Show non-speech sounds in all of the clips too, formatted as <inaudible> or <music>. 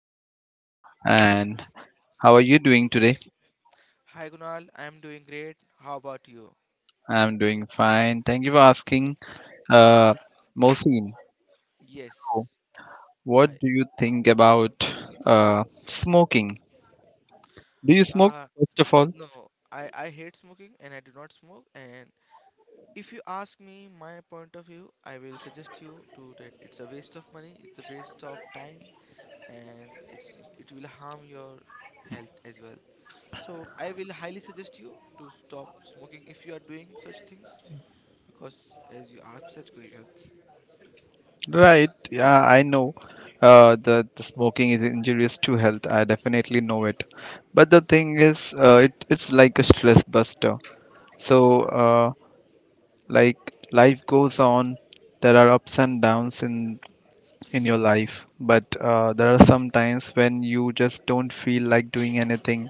Kunal, and how are you doing today? Hi Kunal, I'm doing great. How about you? I'm doing fine. Thank you for asking. Uh, Mohsin, Yes. so what Hi. do you think about smoking? Do you smoke, Uh, first of all? no, I hate smoking and I do not smoke. And if you ask me my point of view, I will suggest you to that it's a waste of money, it's a waste of time, and it will harm your health as well. So I will highly suggest you to stop smoking if you are doing such things because as you ask such questions. Right, yeah, I know that smoking is injurious to health. I definitely know it. But the thing is, it's like a stress buster. So, uh, like, life goes on. There are ups and downs in your life, but there are some times when you just don't feel like doing anything,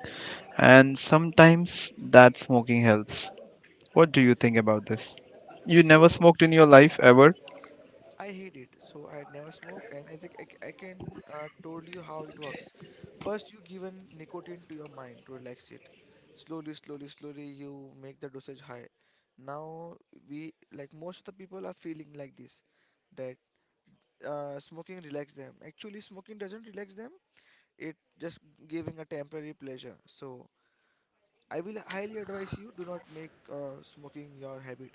and sometimes that smoking helps. What do you think about this? You never So smoked in your life ever? I hate it, so I never smoke. And as I think can told you how it works. First, you give an nicotine to your mind to relax it. Slowly, slowly, slowly, you make the dosage high. Now we like most of the people are feeling like this, that smoking relax them. Actually, smoking doesn't relax them. It just giving a temporary pleasure. So I will highly advise you do not make smoking your habit.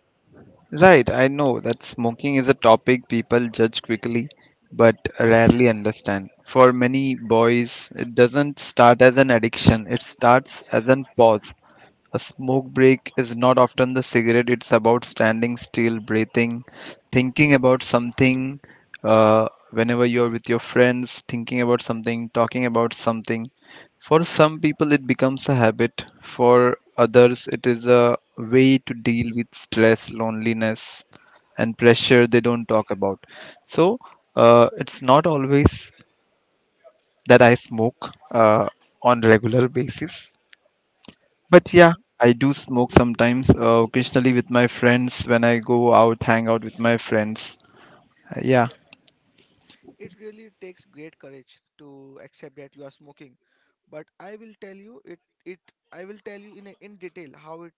Right, I know that smoking is a topic people judge quickly but rarely understand. For many boys, it doesn't start as an addiction, it starts as an pause. A smoke break is not often the cigarette, it's about standing still, breathing, thinking about something. Whenever you're with your friends, thinking about something, talking about something. For some people, it becomes a habit, for others, it is a way to deal with stress, loneliness, and pressure they don't talk about. So, it's not always that I smoke on regular basis, but yeah, I do smoke sometimes, occasionally with my friends when I go out, hang out with my friends. Yeah, It really takes great courage to accept that you are smoking. But it I will tell you in detail how it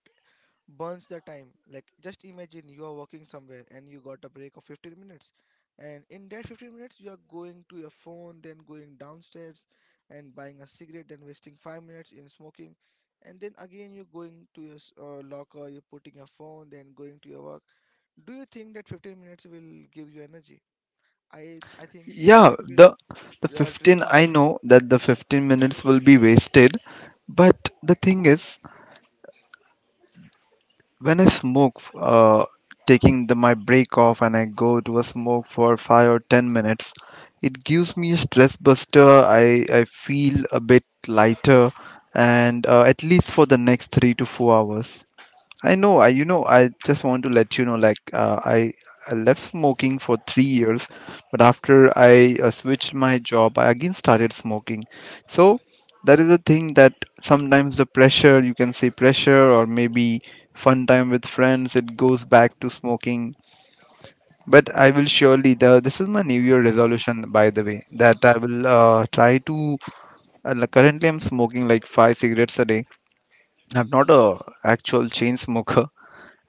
burns the time. Like just imagine you are walking somewhere and you got a break of 15 minutes. And in that 15 minutes you are going to your phone, then going downstairs and buying a cigarette, then wasting 5 minutes in smoking. And then again you're going to your locker, you're putting your phone, then going to your work. Do you think that 15 minutes will give you energy? I think yeah. it The will the 15. drain I you. know that the 15 minutes will be wasted, but the thing is, when I smoke, taking the my break off and I go to a smoke for five or 10 minutes, it gives me a stress buster. I I feel a bit lighter, and at least for the next three to four hours. I know. I. I just want to let you know. Like I left smoking for three years, but after I switched my job, I again started smoking. So that is a thing that sometimes the pressure, you can say pressure, or maybe fun time with friends, it goes back to smoking. But I will surely. The This is my New Year resolution, by the way, that I will try to. Like, currently, I'm smoking like five cigarettes a day. I'm not a actual chain smoker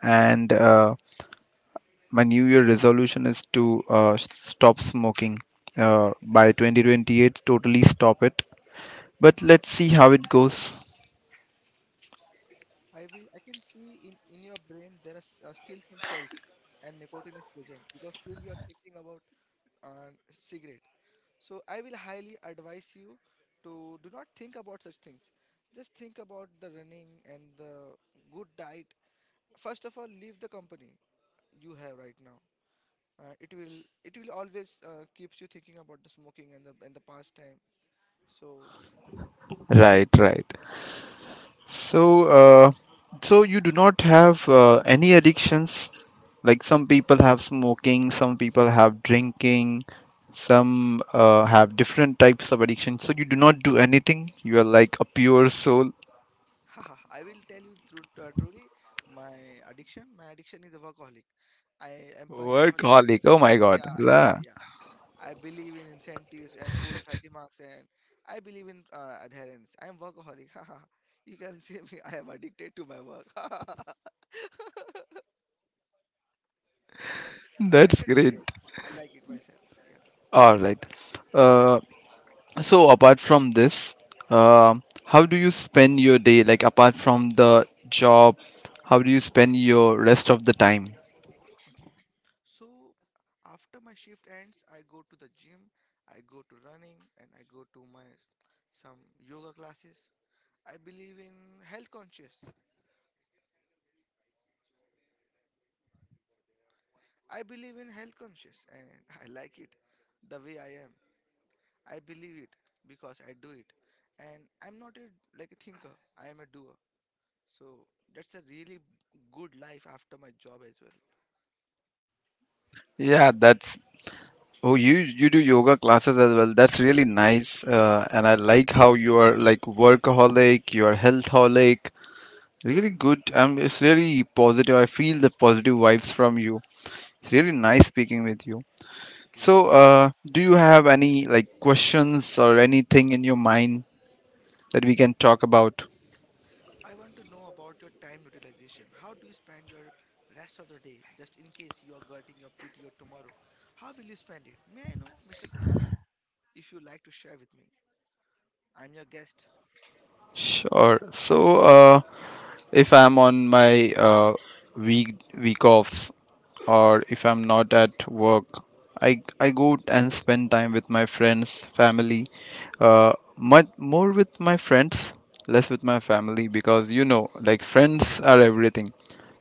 and. My new year resolution is to stop smoking by 2028, totally stop it, but let's see how it goes. I can see in your brain there are still some cells and nicotine is present because still you are thinking about uh, cigarette. So I will highly advise you to do not think about such things. Just think about the running and the good diet. First of all, leave the company you have right now. Uh, it will it will always keeps you thinking about the smoking and the past time. So, Right, uh, right. so uh, so you do not have any addictions? Like some people have smoking, some people have drinking, some have different types of addiction. So you do not do anything, you are like a pure soul. <laughs> haha, I will tell you through truly my addiction. My addiction is alcoholic. I am punchaholic. You Workaholic, can oh my see, god. yeah, yeah, Yeah, yeah. I believe in incentives and full 30 marks, and I believe in adherence. I am workaholic. <laughs> You can see me. I am addicted to my work. <laughs> Yeah, that's that's great. great. I like it myself. Yeah. All right. Uh. So apart from this, how do you spend your day? Like apart from the job, how do you spend your rest of the time? Okay. So after my shift ends, I go to the gym. I go to running, and I go to my some yoga classes. I believe in health conscious. I believe in health conscious, and <laughs> I like it the way I am. I believe it because I do it, and I'm not a like a thinker. I am a doer. So that's a really good life after my job as well. Yeah, that's, oh, you do yoga classes as well. That's really nice. And I like how you are like workaholic, you are healthaholic. Really good. It's really positive. I feel the positive vibes from you. It's really Yes, nice yes. speaking with you. Great, great, great. Do you have any like questions or anything in your mind that we can talk about? I want to know about your time utilization. How do you spend your rest of the day? Just in case you are getting your PTO tomorrow, how will you spend it? May I know, Mr. Kunal, if you like to share with me? I'm your guest. Sure. If I'm on my week offs, or if I'm not at work, I go and spend time with my friends, family, much more with my friends, less with my family, because you know, like friends are everything.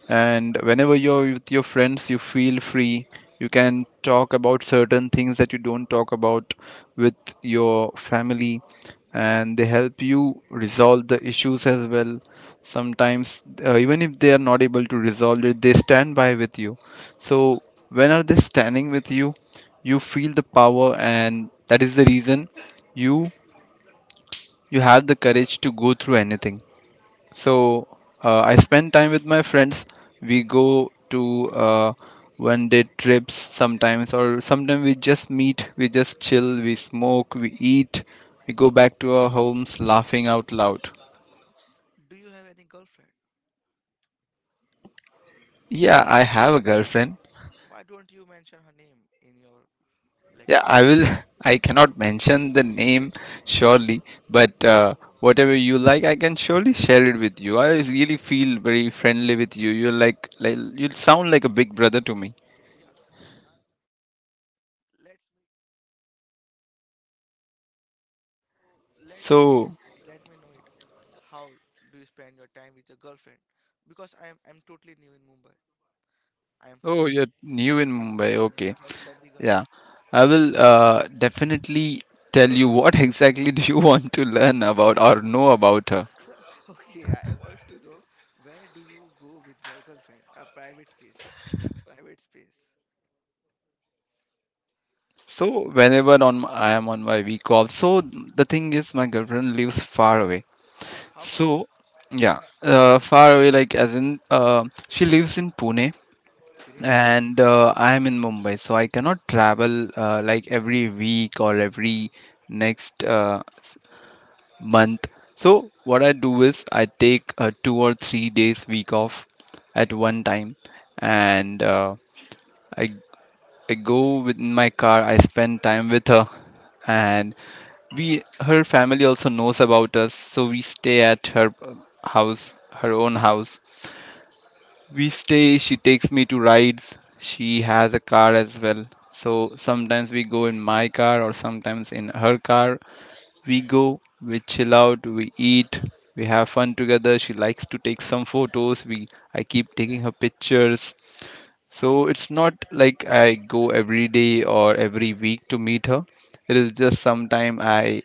And whenever you're with your friends, you feel free. You can talk about certain things that you don't talk about with your family, and they help you resolve the issues as well. Sometimes, even if they are not able to resolve it, they stand by with you. So when are they standing with you, you feel the power, and that is the reason you you have the courage to go through anything. So I Hmm. spend time with my friends. We go to one day trips sometimes, or sometimes we just meet, we just chill, we smoke, we eat, we go back to our homes laughing out loud. Do you have any girlfriend? Yeah, I have a girlfriend. Why don't you mention her name in your like Yeah, you? I will. <laughs> I Hmm. cannot mention the name surely, but whatever you like, I can surely share it with you. I really feel very friendly with you. You're like you sound like a big brother to me. Yeah. Uh, let's So let me know, So let me know it. How do you spend your time with your girlfriend? Because I'm totally new in Mumbai. I am oh, from you're new in Yeah, Mumbai. yeah, Okay. I'm from Chandigarh. Yeah. I will definitely tell you what <laughs> exactly do you want to learn about or know about her. <laughs> Okay, I want to know where do you go with your girlfriend? A private space, private space. I am on my week off. So the thing is, my girlfriend lives far away. How far? So yeah, far away, like as in she lives in Pune, Great, great, and I am in Mumbai, so I cannot travel like every week or every next month. So what I do is I take a two or three days week off at one time, and I I go with in my car. I spend time with her, and we her family also knows about us. So we stay at her house, her own house. We stay. She takes me to rides. She has a car as well. So sometimes we go in my car or sometimes in her car, we go, we chill out, we eat, we have fun together. She likes to take some photos. We I keep taking her pictures. So it's not like I go every day or every week to meet her. It is just sometime I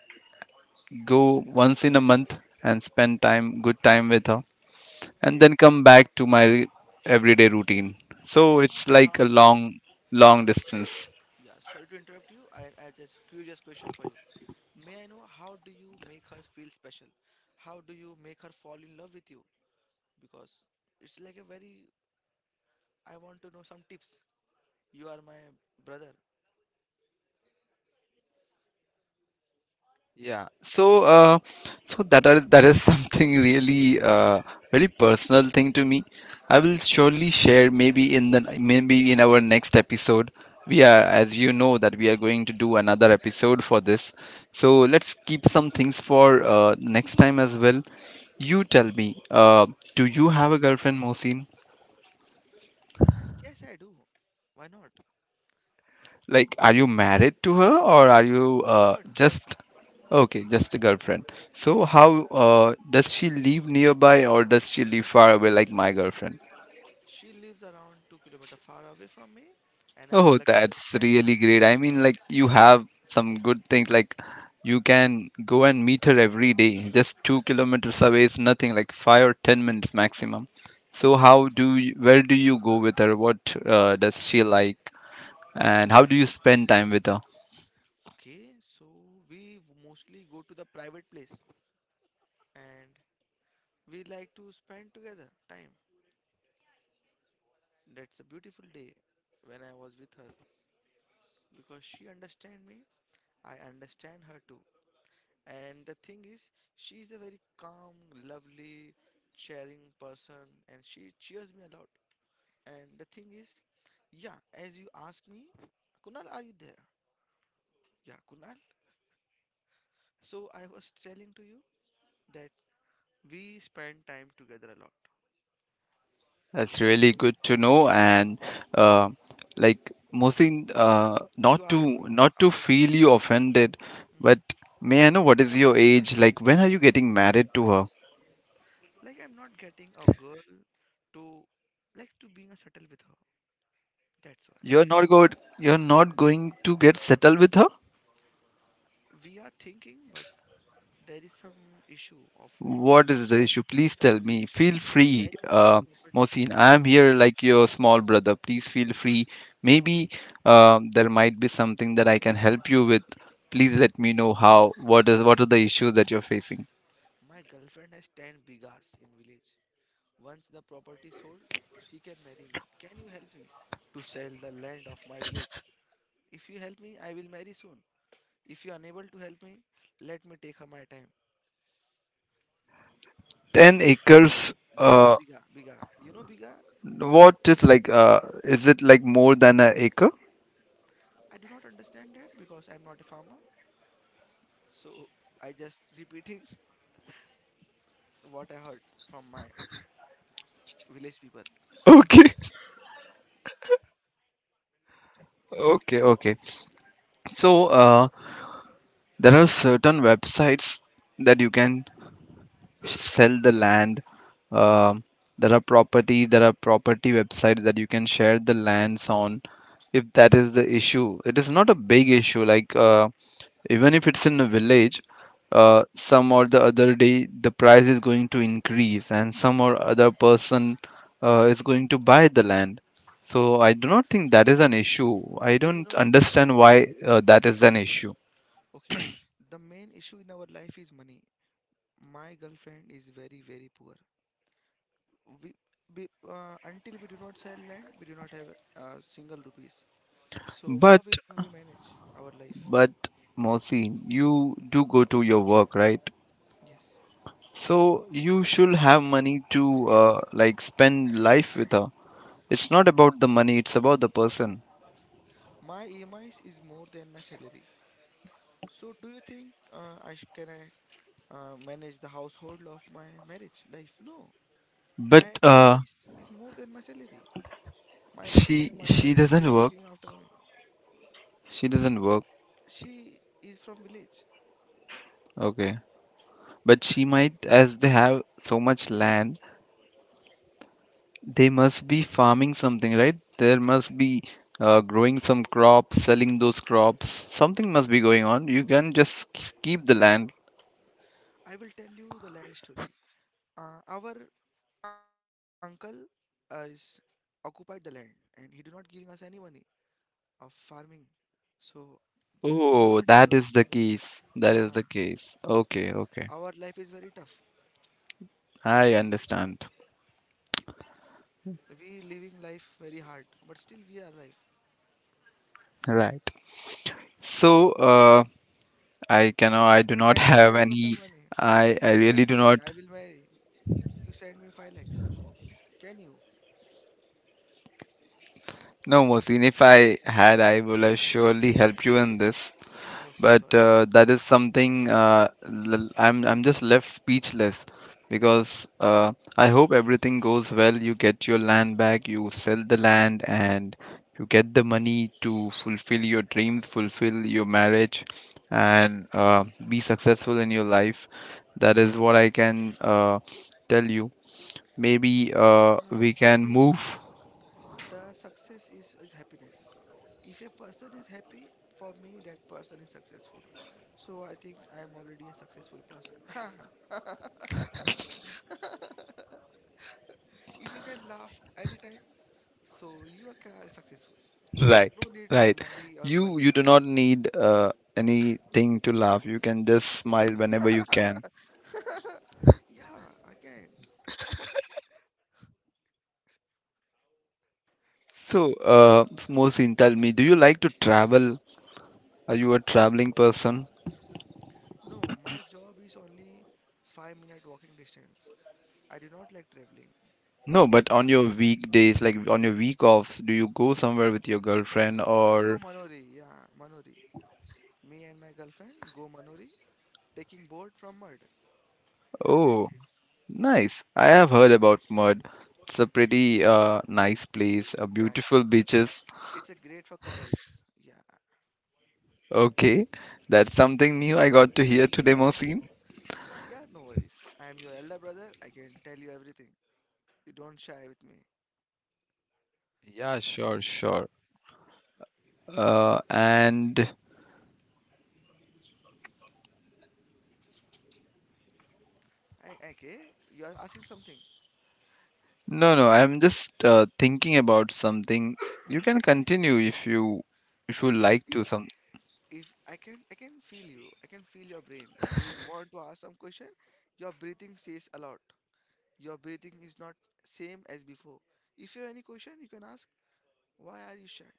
go once in a month and spend time good time with her, and great, then great. come back to my everyday routine. Mm. Can I So know it's like a how do you? long s- distance. Yeah, sorry to interrupt you. I just curious question for you. May I know how do you make her feel special? How do you make her fall in love with you? Because it's like a very I want to know some tips. You are my brother. Yeah. That is <laughs> something really very personal thing to me. I will surely share maybe in the maybe in our next episode. We are, as you know, that we are going to do another episode for this. So let's keep some things for next time as well. You tell me, do you have a girlfriend, Mohsin? Yes, I do. Why not? Like, are you married to her, or are you No, it's just girlfriend. okay, just a girlfriend? So Yeah. how does she live nearby, or does she live far away like my girlfriend? She lives around 2 kilometer far away from me and I'm Oh, luckiest that's person really I great. think. I mean, like you have some good things, like you can go and meet her every day. Just 2 kilometers away is nothing, like five or ten minutes maximum. So how Mm, do you, where do you go with her? What does she like? And how do you spend time with her? okay, so we mostly go to the private place and we like to spend together time. That's a beautiful day when I was with her because she understand me, I understand her too. And the thing is, she is a very calm, lovely, cheering person, and she cheers me a lot. And the thing is, yeah, as you asked me, Kunal, are you there? Yeah, Kunal. So I was telling to you that we spend time together a lot. That's really बोले good to know, and uh, like Mohsin, You asked me not to about, feel you offended, Mhm. but may I know what is your age? Like, when are you getting married to her? Like, I'm not getting a girl to, to being a settle with her. That's why You're not good. You're not going to get settled with her. we are thinking, but there is some issue of What a- of is the a issue? Please tell family me. issue. Feel free, There is some property Mohsin. in I'm here village. like your small brother. Please feel free. Maybe there might be something that I can help you with. Please let me know how. What Okay, are the issues that you're facing? my girlfriend has 10 bigas in village. Once the property sold, she can marry me. Can you help me to sell the land of my village? If you help me, I will marry soon. If you are unable to help me, let me take her my time. 10 acres. Biga, uh biga, biga. You know biga? what is like is it like more than an acre? I do not understand that because I'm not a farmer. So I just repeating <laughs> what I heard from my village people. Okay. <laughs> Okay, okay. So uh there are certain websites that you can sell the land. um, there are property websites that you can share the lands on. If that is the issue, it is not a big issue. Like even if it's in a village, some or the other day, the price is going to increase, and some or other person is going to buy the land. So I do not think that is an issue. I Do you don't know understand why that is an issue. Okay, the main issue in our life is money. My girlfriend is very, very poor. We, we Until we do not sell land, we do not have a single rupees. So how but will we manage our life? but Mosi, you do go to your work, right? Yes, So you should have money to yes, like spend life with her. It's not yes. about the money, it's about the person. My EMIs is more than my salary. So do you think I sh can I manage the household of my marriage life? No, But my EMIs is more than my salary. My she mother is doesn't work. looking after me. She doesn't work. She is from village. Okay. But she might, as they have so much land, they must be farming something, right? There must be growing some crops, selling those crops. Something must be going on. You can just keep the land. I will tell you the land story. Our uncle is occupied the land and he do not giving us any money of farming. So we do Oh, not have that a is the single. case. That is Yeah, the case. Okay, okay. our life is very tough. I understand. We living life very hard, but still we are alive. Right. So I cannot. I do not <laughs> Can you have send me any. some money? I You send really do money, not I will marry. You send me 5 lakhs. Can you? know, Mohsin. If I had, I would have surely helped you in this. Oh, so sorry. But that is something I'm just left speechless, because I hope everything goes well. You get your land back, you sell the land, and you get the money to fulfill your dreams, fulfill your marriage, and be successful in your life. That is what I can tell you. Maybe we For can me, move. the success is happiness. If a person is happy, for me, that person is successful. So I think I am already a successful person. <laughs> If you can laugh anytime, so you are successful. Right, No need for right. marry or You money. you do not need anything to laugh. You can just smile whenever you can. <laughs> Yeah, I can. So, Mohsin, tell me, do you like to travel? Are you a traveling person? No, my job is only 5 minute walking distance. I do not like traveling. No, but on your weekdays, like on your week offs, do you go somewhere with your girlfriend I go or? Manori, yeah, Manori. Me and my girlfriend go Manori, taking boat from Mud. Yeah, that's Oh, nice. I have heard about Mud. It's a pretty nice it. place, Yeah, it's a beautiful beaches. it's a great for couples. Yeah, Okay, that's something new I got to hear today, Mohsin. yeah, no worries. I am your elder brother. I can tell you everything. You don't shy with me. Yeah, sure, sure. And I Okay. You are asking something. no, no, I'm just thinking about something. You can continue if you If like to you some. if I can feel you. I can feel your brain. You want to ask some question. Your breathing says a lot. Your breathing is not same as before. If you have any question, you can ask. Why are you shy?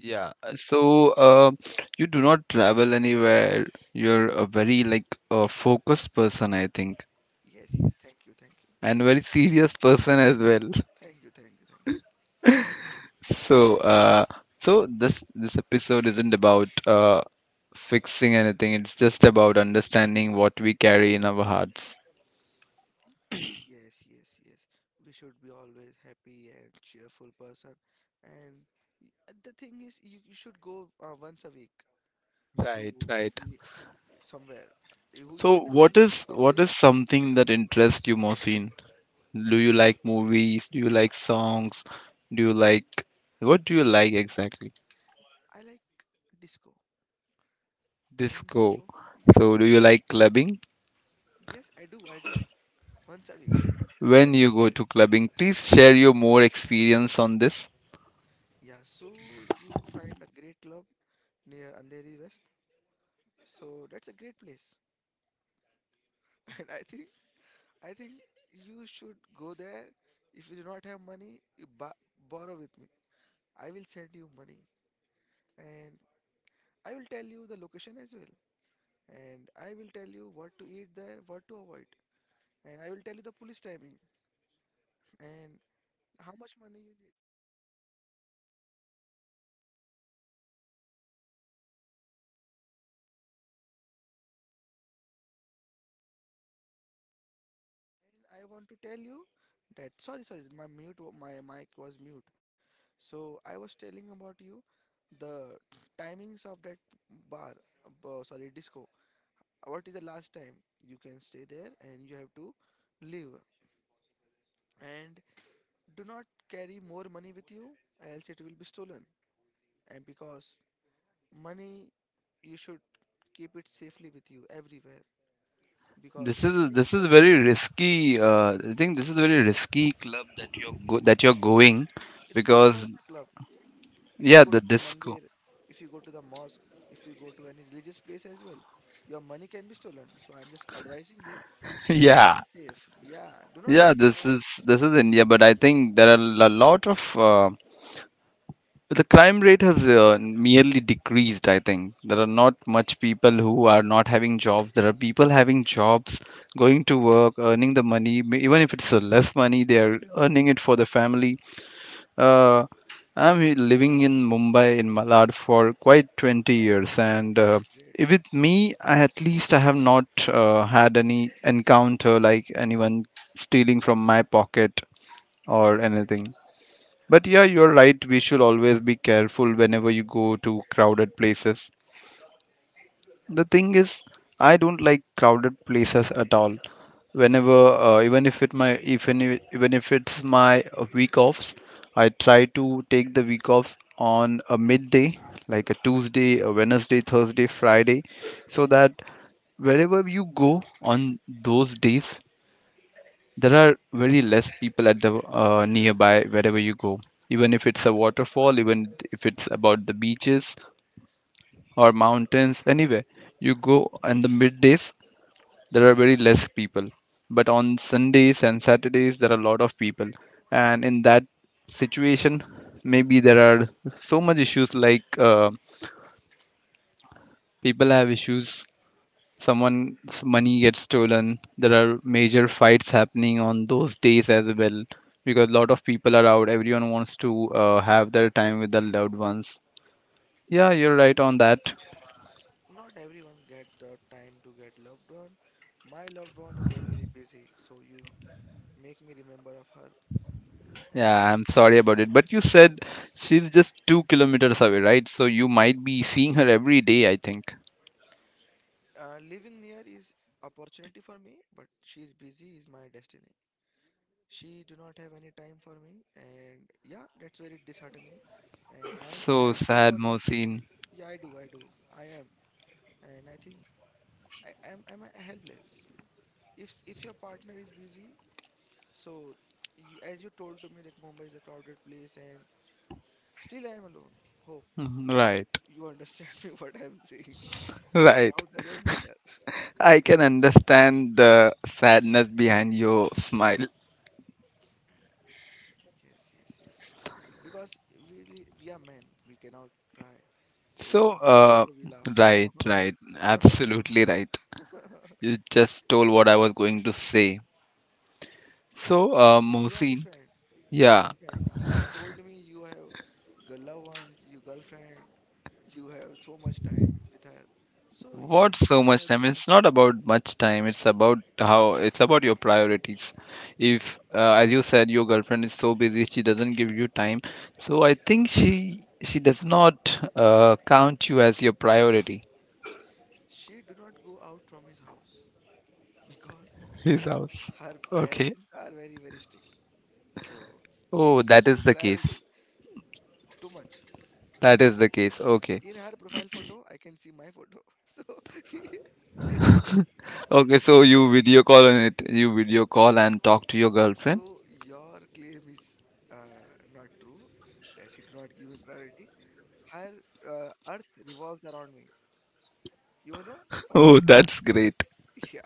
Yeah. So, you do not travel anywhere. You're a very like a focused person, I think, Yes, yes. Thank you, thank you, and very thank serious person as well. you, <laughs> thank you, thank you, thank you. So, so this episode isn't about fixing anything. It's just about understanding what we carry in our hearts. Yes, yes, yes. We should be always happy and cheerful person. And the thing is, you should go once a week to Right, right. me- somewhere. Who You So understand what is what I'm what saying? is something that interests you, Mohsin? Do you like movies? Do you like songs? Do you like what do you like exactly? I like disco. In Disco. disco, yeah. So do you like clubbing? Yes, I do. I do. Once a week. When That's you go great. to clubbing, please share your more experience on this. Yeah. So you find a great club near Andheri West. So that's a great place. <laughs> And I think you should go there. If you do not have money, you bu borrow with me. I will send you money and I will tell you the location as well. And I will tell you what to eat there, what to avoid. And I will tell you the police timing and how much money you need. And I want to tell you that sorry, sorry, my mic was mute. So I was telling about you the timings of that bar, sorry, disco. What is the last time you can stay there and you have to leave. And do not carry more money with you, else it will be stolen. And because money you should keep it safely with you everywhere because This is money this is can be very stolen. risky. I think this is very risky club that that you're going It's not because about the club. If you yeah, go the to the disco. mandir, if you go to the mosque, if you go to any religious place as well, your money can be stolen. So I'm just advising you <laughs> keep your Yeah, money safe. Yeah, do not yeah. This uh, is this is India, but I think there are a lot of. The crime rate has merely decreased, I think. There are not much people who are not having jobs. There are people having jobs, going to work, earning the money. Even if it's less money, they are earning it for the family. Uh, I'm living in Mumbai, in Malad, for quite 20 years. And Great, great. with me, I, at least I have not had any encounter like anyone stealing from my pocket or anything. But yeah, you're right. We should always be careful whenever you go to crowded places. The thing is, I don't like crowded places at all. Whenever, even if it my even if it's my week offs, I try to take the week off on a midday, like a Tuesday, a Wednesday, Thursday, Friday, so that wherever you go on those days there are very less people at the nearby wherever you go. Even if it's a waterfall, even if it's about the beaches or mountains, anywhere you go in the middays, there are very less people. But on Sundays and Saturdays, there are a lot of people. And in that situation, maybe there are so much issues like people have issues, someone's money gets stolen, there are major fights happening on those days as well because a lot of people are out, everyone wants to have their time with their loved ones. Yeah, you're right on that. Not everyone get the time to get loved one. My loved one is very, very busy, so you make me remember of her. and Yeah, I'm sorry about it, but you said she's just 2 kilometers away, right? So you might be seeing her every day, I think. Uh, living near is opportunity for me, but she is busy is my destiny. She do not have any time for me, and yeah, that's very disheartening, and I am So sad there sad, for that. Mohsin. Yeah, I do, I am, and I think I am I helpless. If your partner is busy, so you, as you told to me that Mumbai is a crowded place, and still I am alone. Hope Mhm, right. you understand <laughs> me what I'm saying. So Right, crowd doesn't matter. I can understand the sadness behind your smile. Yes, yes, yes. Because really, we are men. We cannot cry. So So, in pain also we laugh. right, right, <laughs> absolutely right. You just told what I was going to say. So, No, you are Mohsin, different. You are yeah, different. You told me you have girl loved ones, you girlfriend, you have so much time with her. So you what and so me much have time? different. It's not about much time. It's about how it's about your priorities. If, as you said, your girlfriend is so busy, she doesn't give you time. So, I think she does not count you as your priority. She do not go out from his house <laughs> because His house. her Okay. parents are very very strict. So she Oh, that gives me is the case. priority too much. That is the case. Okay. In her profile photo, I can see my photo. <laughs> So, <laughs> Okay, so you video call and it, you video call and talk to your girlfriend. so <laughs> your claim is uh, not true that she did not give me priority. Her earth revolves around me. You know what I'm? Oh, that's great. <laughs> Yeah,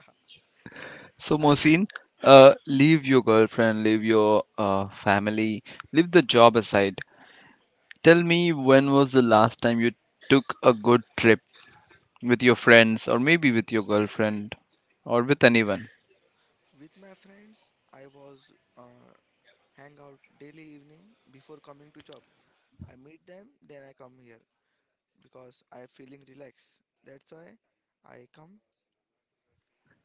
So I'm just Mohsin, leave your girlfriend, leave your family, leave the job aside. Tell me when was the last time you took a good trip with your friends or maybe with your girlfriend or with anyone? with my friends. I was uh, hang out daily evening before coming to job. I meet them, then I come here because I'm feeling relaxed. That's why I come.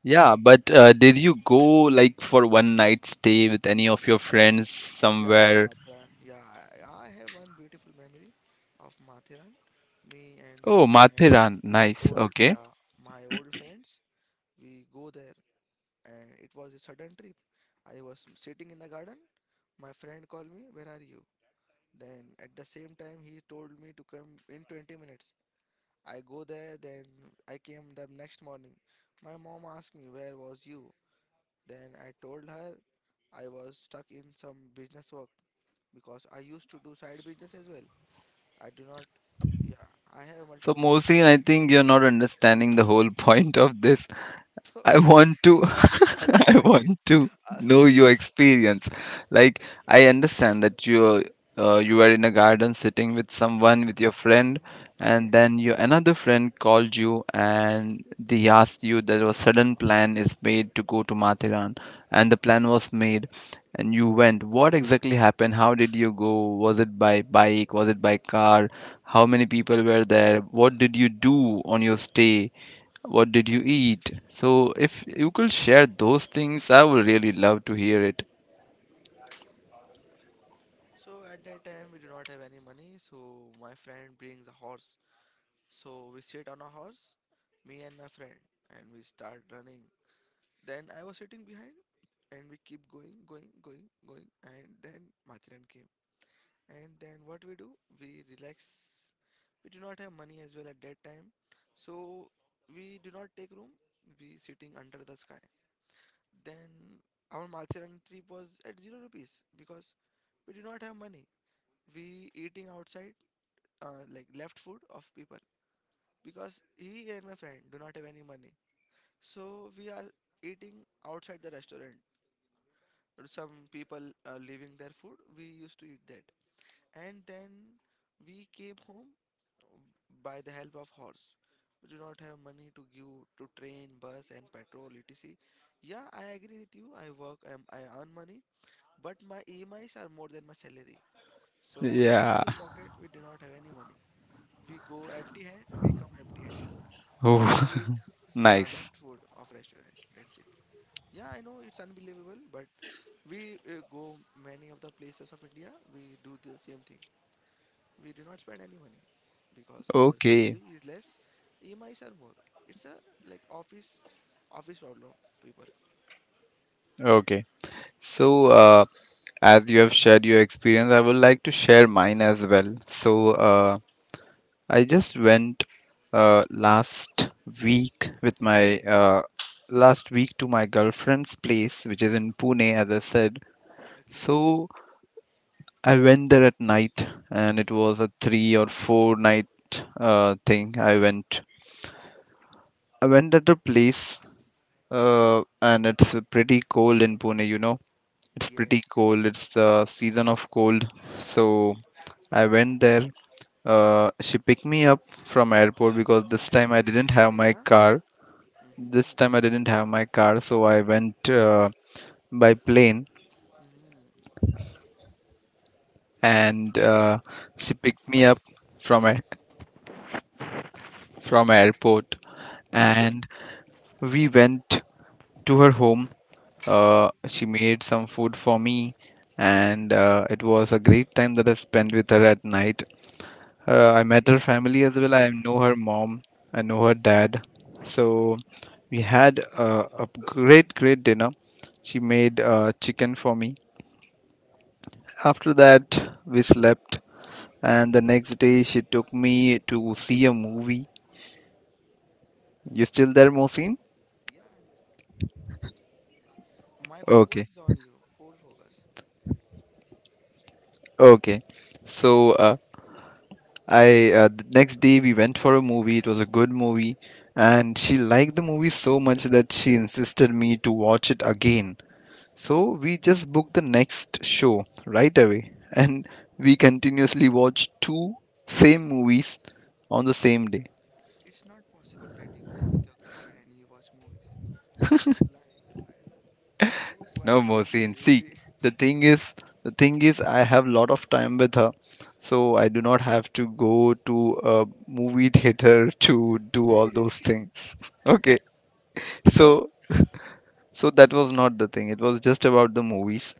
Yeah, but did you go like for one night stay with any of your friends Yeah, somewhere? Mathiran. Yeah, I have one beautiful memory of Mathiran. Me and Oh, some my Mathiran, nice. old, Okay. yeah, my old friends. We go there, and it was a sudden trip. I was sitting in the garden. My friend called me, "Where are you?" Then at the same time he told me to come in 20 minutes. I go there, then I came the next morning. My mom asked me, "Where was you?" Then I told her I was stuck in some business work because I used to do side business as well. I do not, yeah, I have So, multiple business. Mohsin, <laughs> I think you're not understanding the whole <laughs> point of this. I Okay, want to <laughs> yeah, ask me I again, want to ask know me again. your experience. Like I understand that you're you were in a garden sitting with someone with your friend, Mm, and okay, then your another friend called you and they asked you that a sudden plan is made to go to Mathiran, and the plan was made and you went. What exactly happened? How did you go? Was it by bike? Was it by car? How many people were there? What did you do on your stay? What did you okay. eat? So, if you could share those things, I would really love to hear it. So at that time we do not have any money, so my friend brings a horse. So we sit on a horse, me and my friend, and we start running. Then I was sitting behind, and we keep going, going, going, going, and then my friend came. And then what we do, we relax. We do not have money as well at that time, so we do not take room. We sitting under the sky, then our Matheran trip was at zero rupees because we do not have money. We eating outside, like left food of people because he and my friend do not have any money, so we are eating outside the restaurant. Some people are leaving their food, we used to eat that. And then we came home by the help of horse. We do not have money to give to train, bus, and petrol, etc. Yeah, I agree with you. I work, I earn money, but my EMIs are more than my salary. So in Yeah. our pocket, we do not have any money. We go empty hand, we come empty hand. We eat Oh, <laughs> nice. left food of restaurant. That's it. Yeah, I know it's unbelievable, but we go many of the places of India. We do the same thing. We do not spend any money because our Okay. salary is less, EMIs are more. It's a like office problem, of people. Okay. So, Yes. As you have shared your experience, I would like to share mine as well. So, Yes. I just went last week with my last week to my girlfriend's place, which Mm-hmm. is in Pune, as I said. Okay. So, I went there at night, and it was Mm-hmm. a three or four night thing. I went. I went at a place, and it's pretty cold in Pune. You know, it's Yes, pretty yes. cold. It's the season of cold. So I went there. She picked me up from airport because this time I Mm-hmm. didn't have Naughty, my huh? car. This Mm-hmm. time I didn't have my car, so I went by plane, Mm-hmm. and she picked me up from a from airport and we went to her home. She made some food for me, and it was a great time that I spent with her at night. I met her Hey, great, family as well. great. I know her mom, I know her dad. So we had a great, great dinner. She Mm-hmm. made chicken for me. After that, we slept, and the next day she took me to see a movie. You still there, Mohsin? Yeah, I'm listening. Yes, yes. My focus Okay, is on you, full focus. okay. So, I the next day we went for a movie. It was a good movie, and she liked the movie so much that she insisted me to watch it again. So we just booked the next show right away, <laughs> and we continuously watched two same movies on the same day. It's not possible that you go with your girlfriend and you watch movies. Stop lying. I know. You No twice doing the mercy. And same see, thing. the thing is, I have lot of time with her, so I do not have to go to a movie theater <laughs> to do all those <laughs> things. <laughs> Okay, so so that was not the thing. It was just about the movies.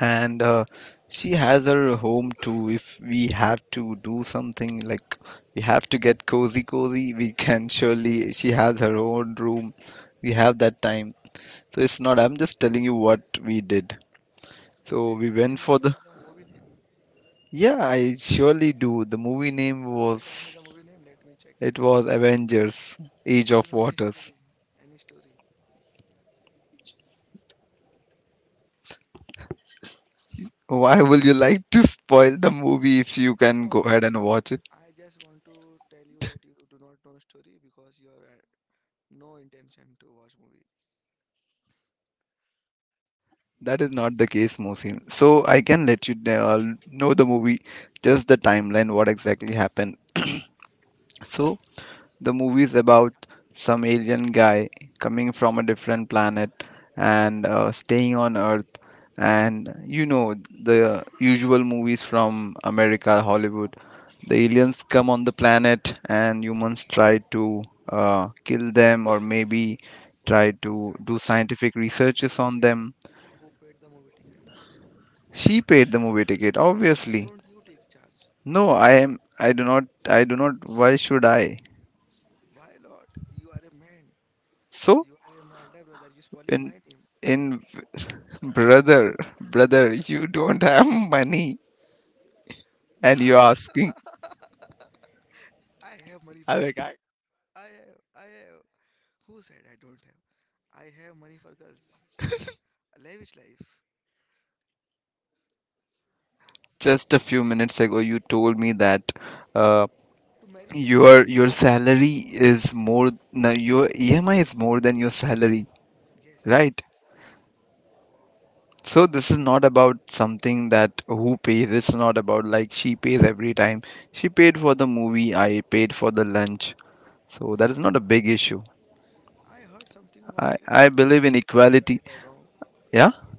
And she has her home too. If we have to do something like we have to get cozy, cozy, we can surely. She has her own room. We have that time. So it's not. I'm just telling you what we did. So Okay, we do you went for the. remember the movie name? Yeah, I surely do. The movie name Okay, tell me was. the movie name. Let me check it. It was Avengers Age Do you of know any Waters. story? Any story? Why will you like to spoil the movie if you can No, go no. ahead and watch it? I just want to tell you that you do not know story because you are no intention to watch movie. That is not the case, Mohsin. So I can let you know the movie, just the timeline, what exactly happened. So the movie is about some alien guy coming from a different planet and staying on Earth, and you know the usual movies from America, Hollywood. The aliens come on the planet, and humans try to kill them, or maybe try Okay, okay, to okay. do Understand. scientific researches Who on paid? them. Who paid the movie ticket? She paid the movie ticket, Why obviously. don't you take charge? No, I am. I do not. I do not. Why should I? Why not? You are a man. So You are a my elder brother. You're spoiling in my name. in brother, brother, you don't have money, and you're asking. <laughs> I have money I'm for like, girlfriend. I have. I have. Who said I don't have? I have money for girls. Lavish life. A lavish life. just a few minutes ago, you told me that uh, To marry, I don't have. your salary is more. No, your EMI is more than your salary, Yes, right? yes, yes. So this is not about something that who pays. It's not about like she pays every time. She paid for the movie. I paid for the lunch. So that is not a big issue. I heard something about you. I I don't believe know, in maybe it's right equality. or wrong, Yeah? but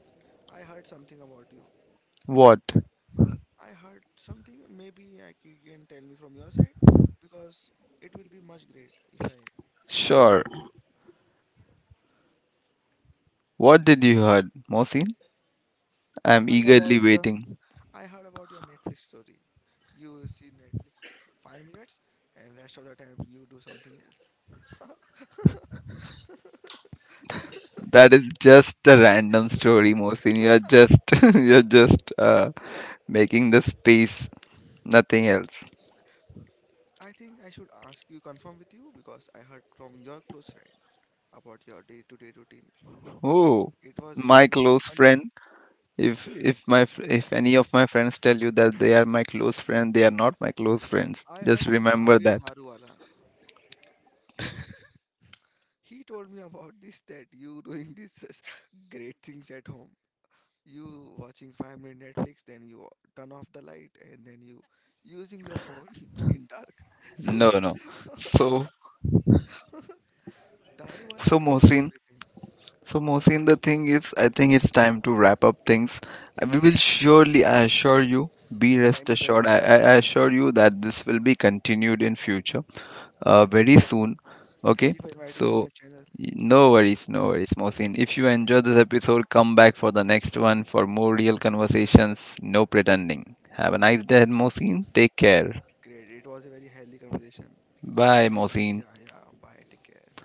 I heard something about you. What? I heard something, maybe you can tell me from your side because it will be much great if I know Sure. from you. What did you heard, Mohsin? I'm eagerly waiting. I heard about your Netflix story. You see Netflix 5 minutes and rest of the time you do something else. That is just a random story, Mohsin. You're just <laughs> you're just making the space, nothing else. I think I should ask you, confirm with you because I heard from your close friend about your day-to-day routine. Oh, It was a my kind of close funny. friend. If if any of my friends tell you that they are my close friend, they are not my close friends. I Just heard from remember Amir that. Daruwala. He told me <laughs> about this that you doing this is <laughs> great things at home. You watching 5 minute Netflix, then you turn off the light, and then you using your phone <laughs> in dark. So No, <laughs> no. So Daruwala so told me Mohsin, everything. so, Mohsin, the thing is, I think it's time to wrap up things. We will surely, I assure you, be Yeah, rest time is very assured, less. I assure you that this will be continued in future, Yeah. Very soon. Thank Okay, you for inviting me in so your channel. No worries, no worries, Mohsin. If you Thank enjoyed you. this episode, come back for the next one for more real conversations, no pretending. Have a nice day, Mohsin. Take care. Great. It was a very healthy conversation. Bye, Mohsin. Yeah, yeah. Bye. Take care.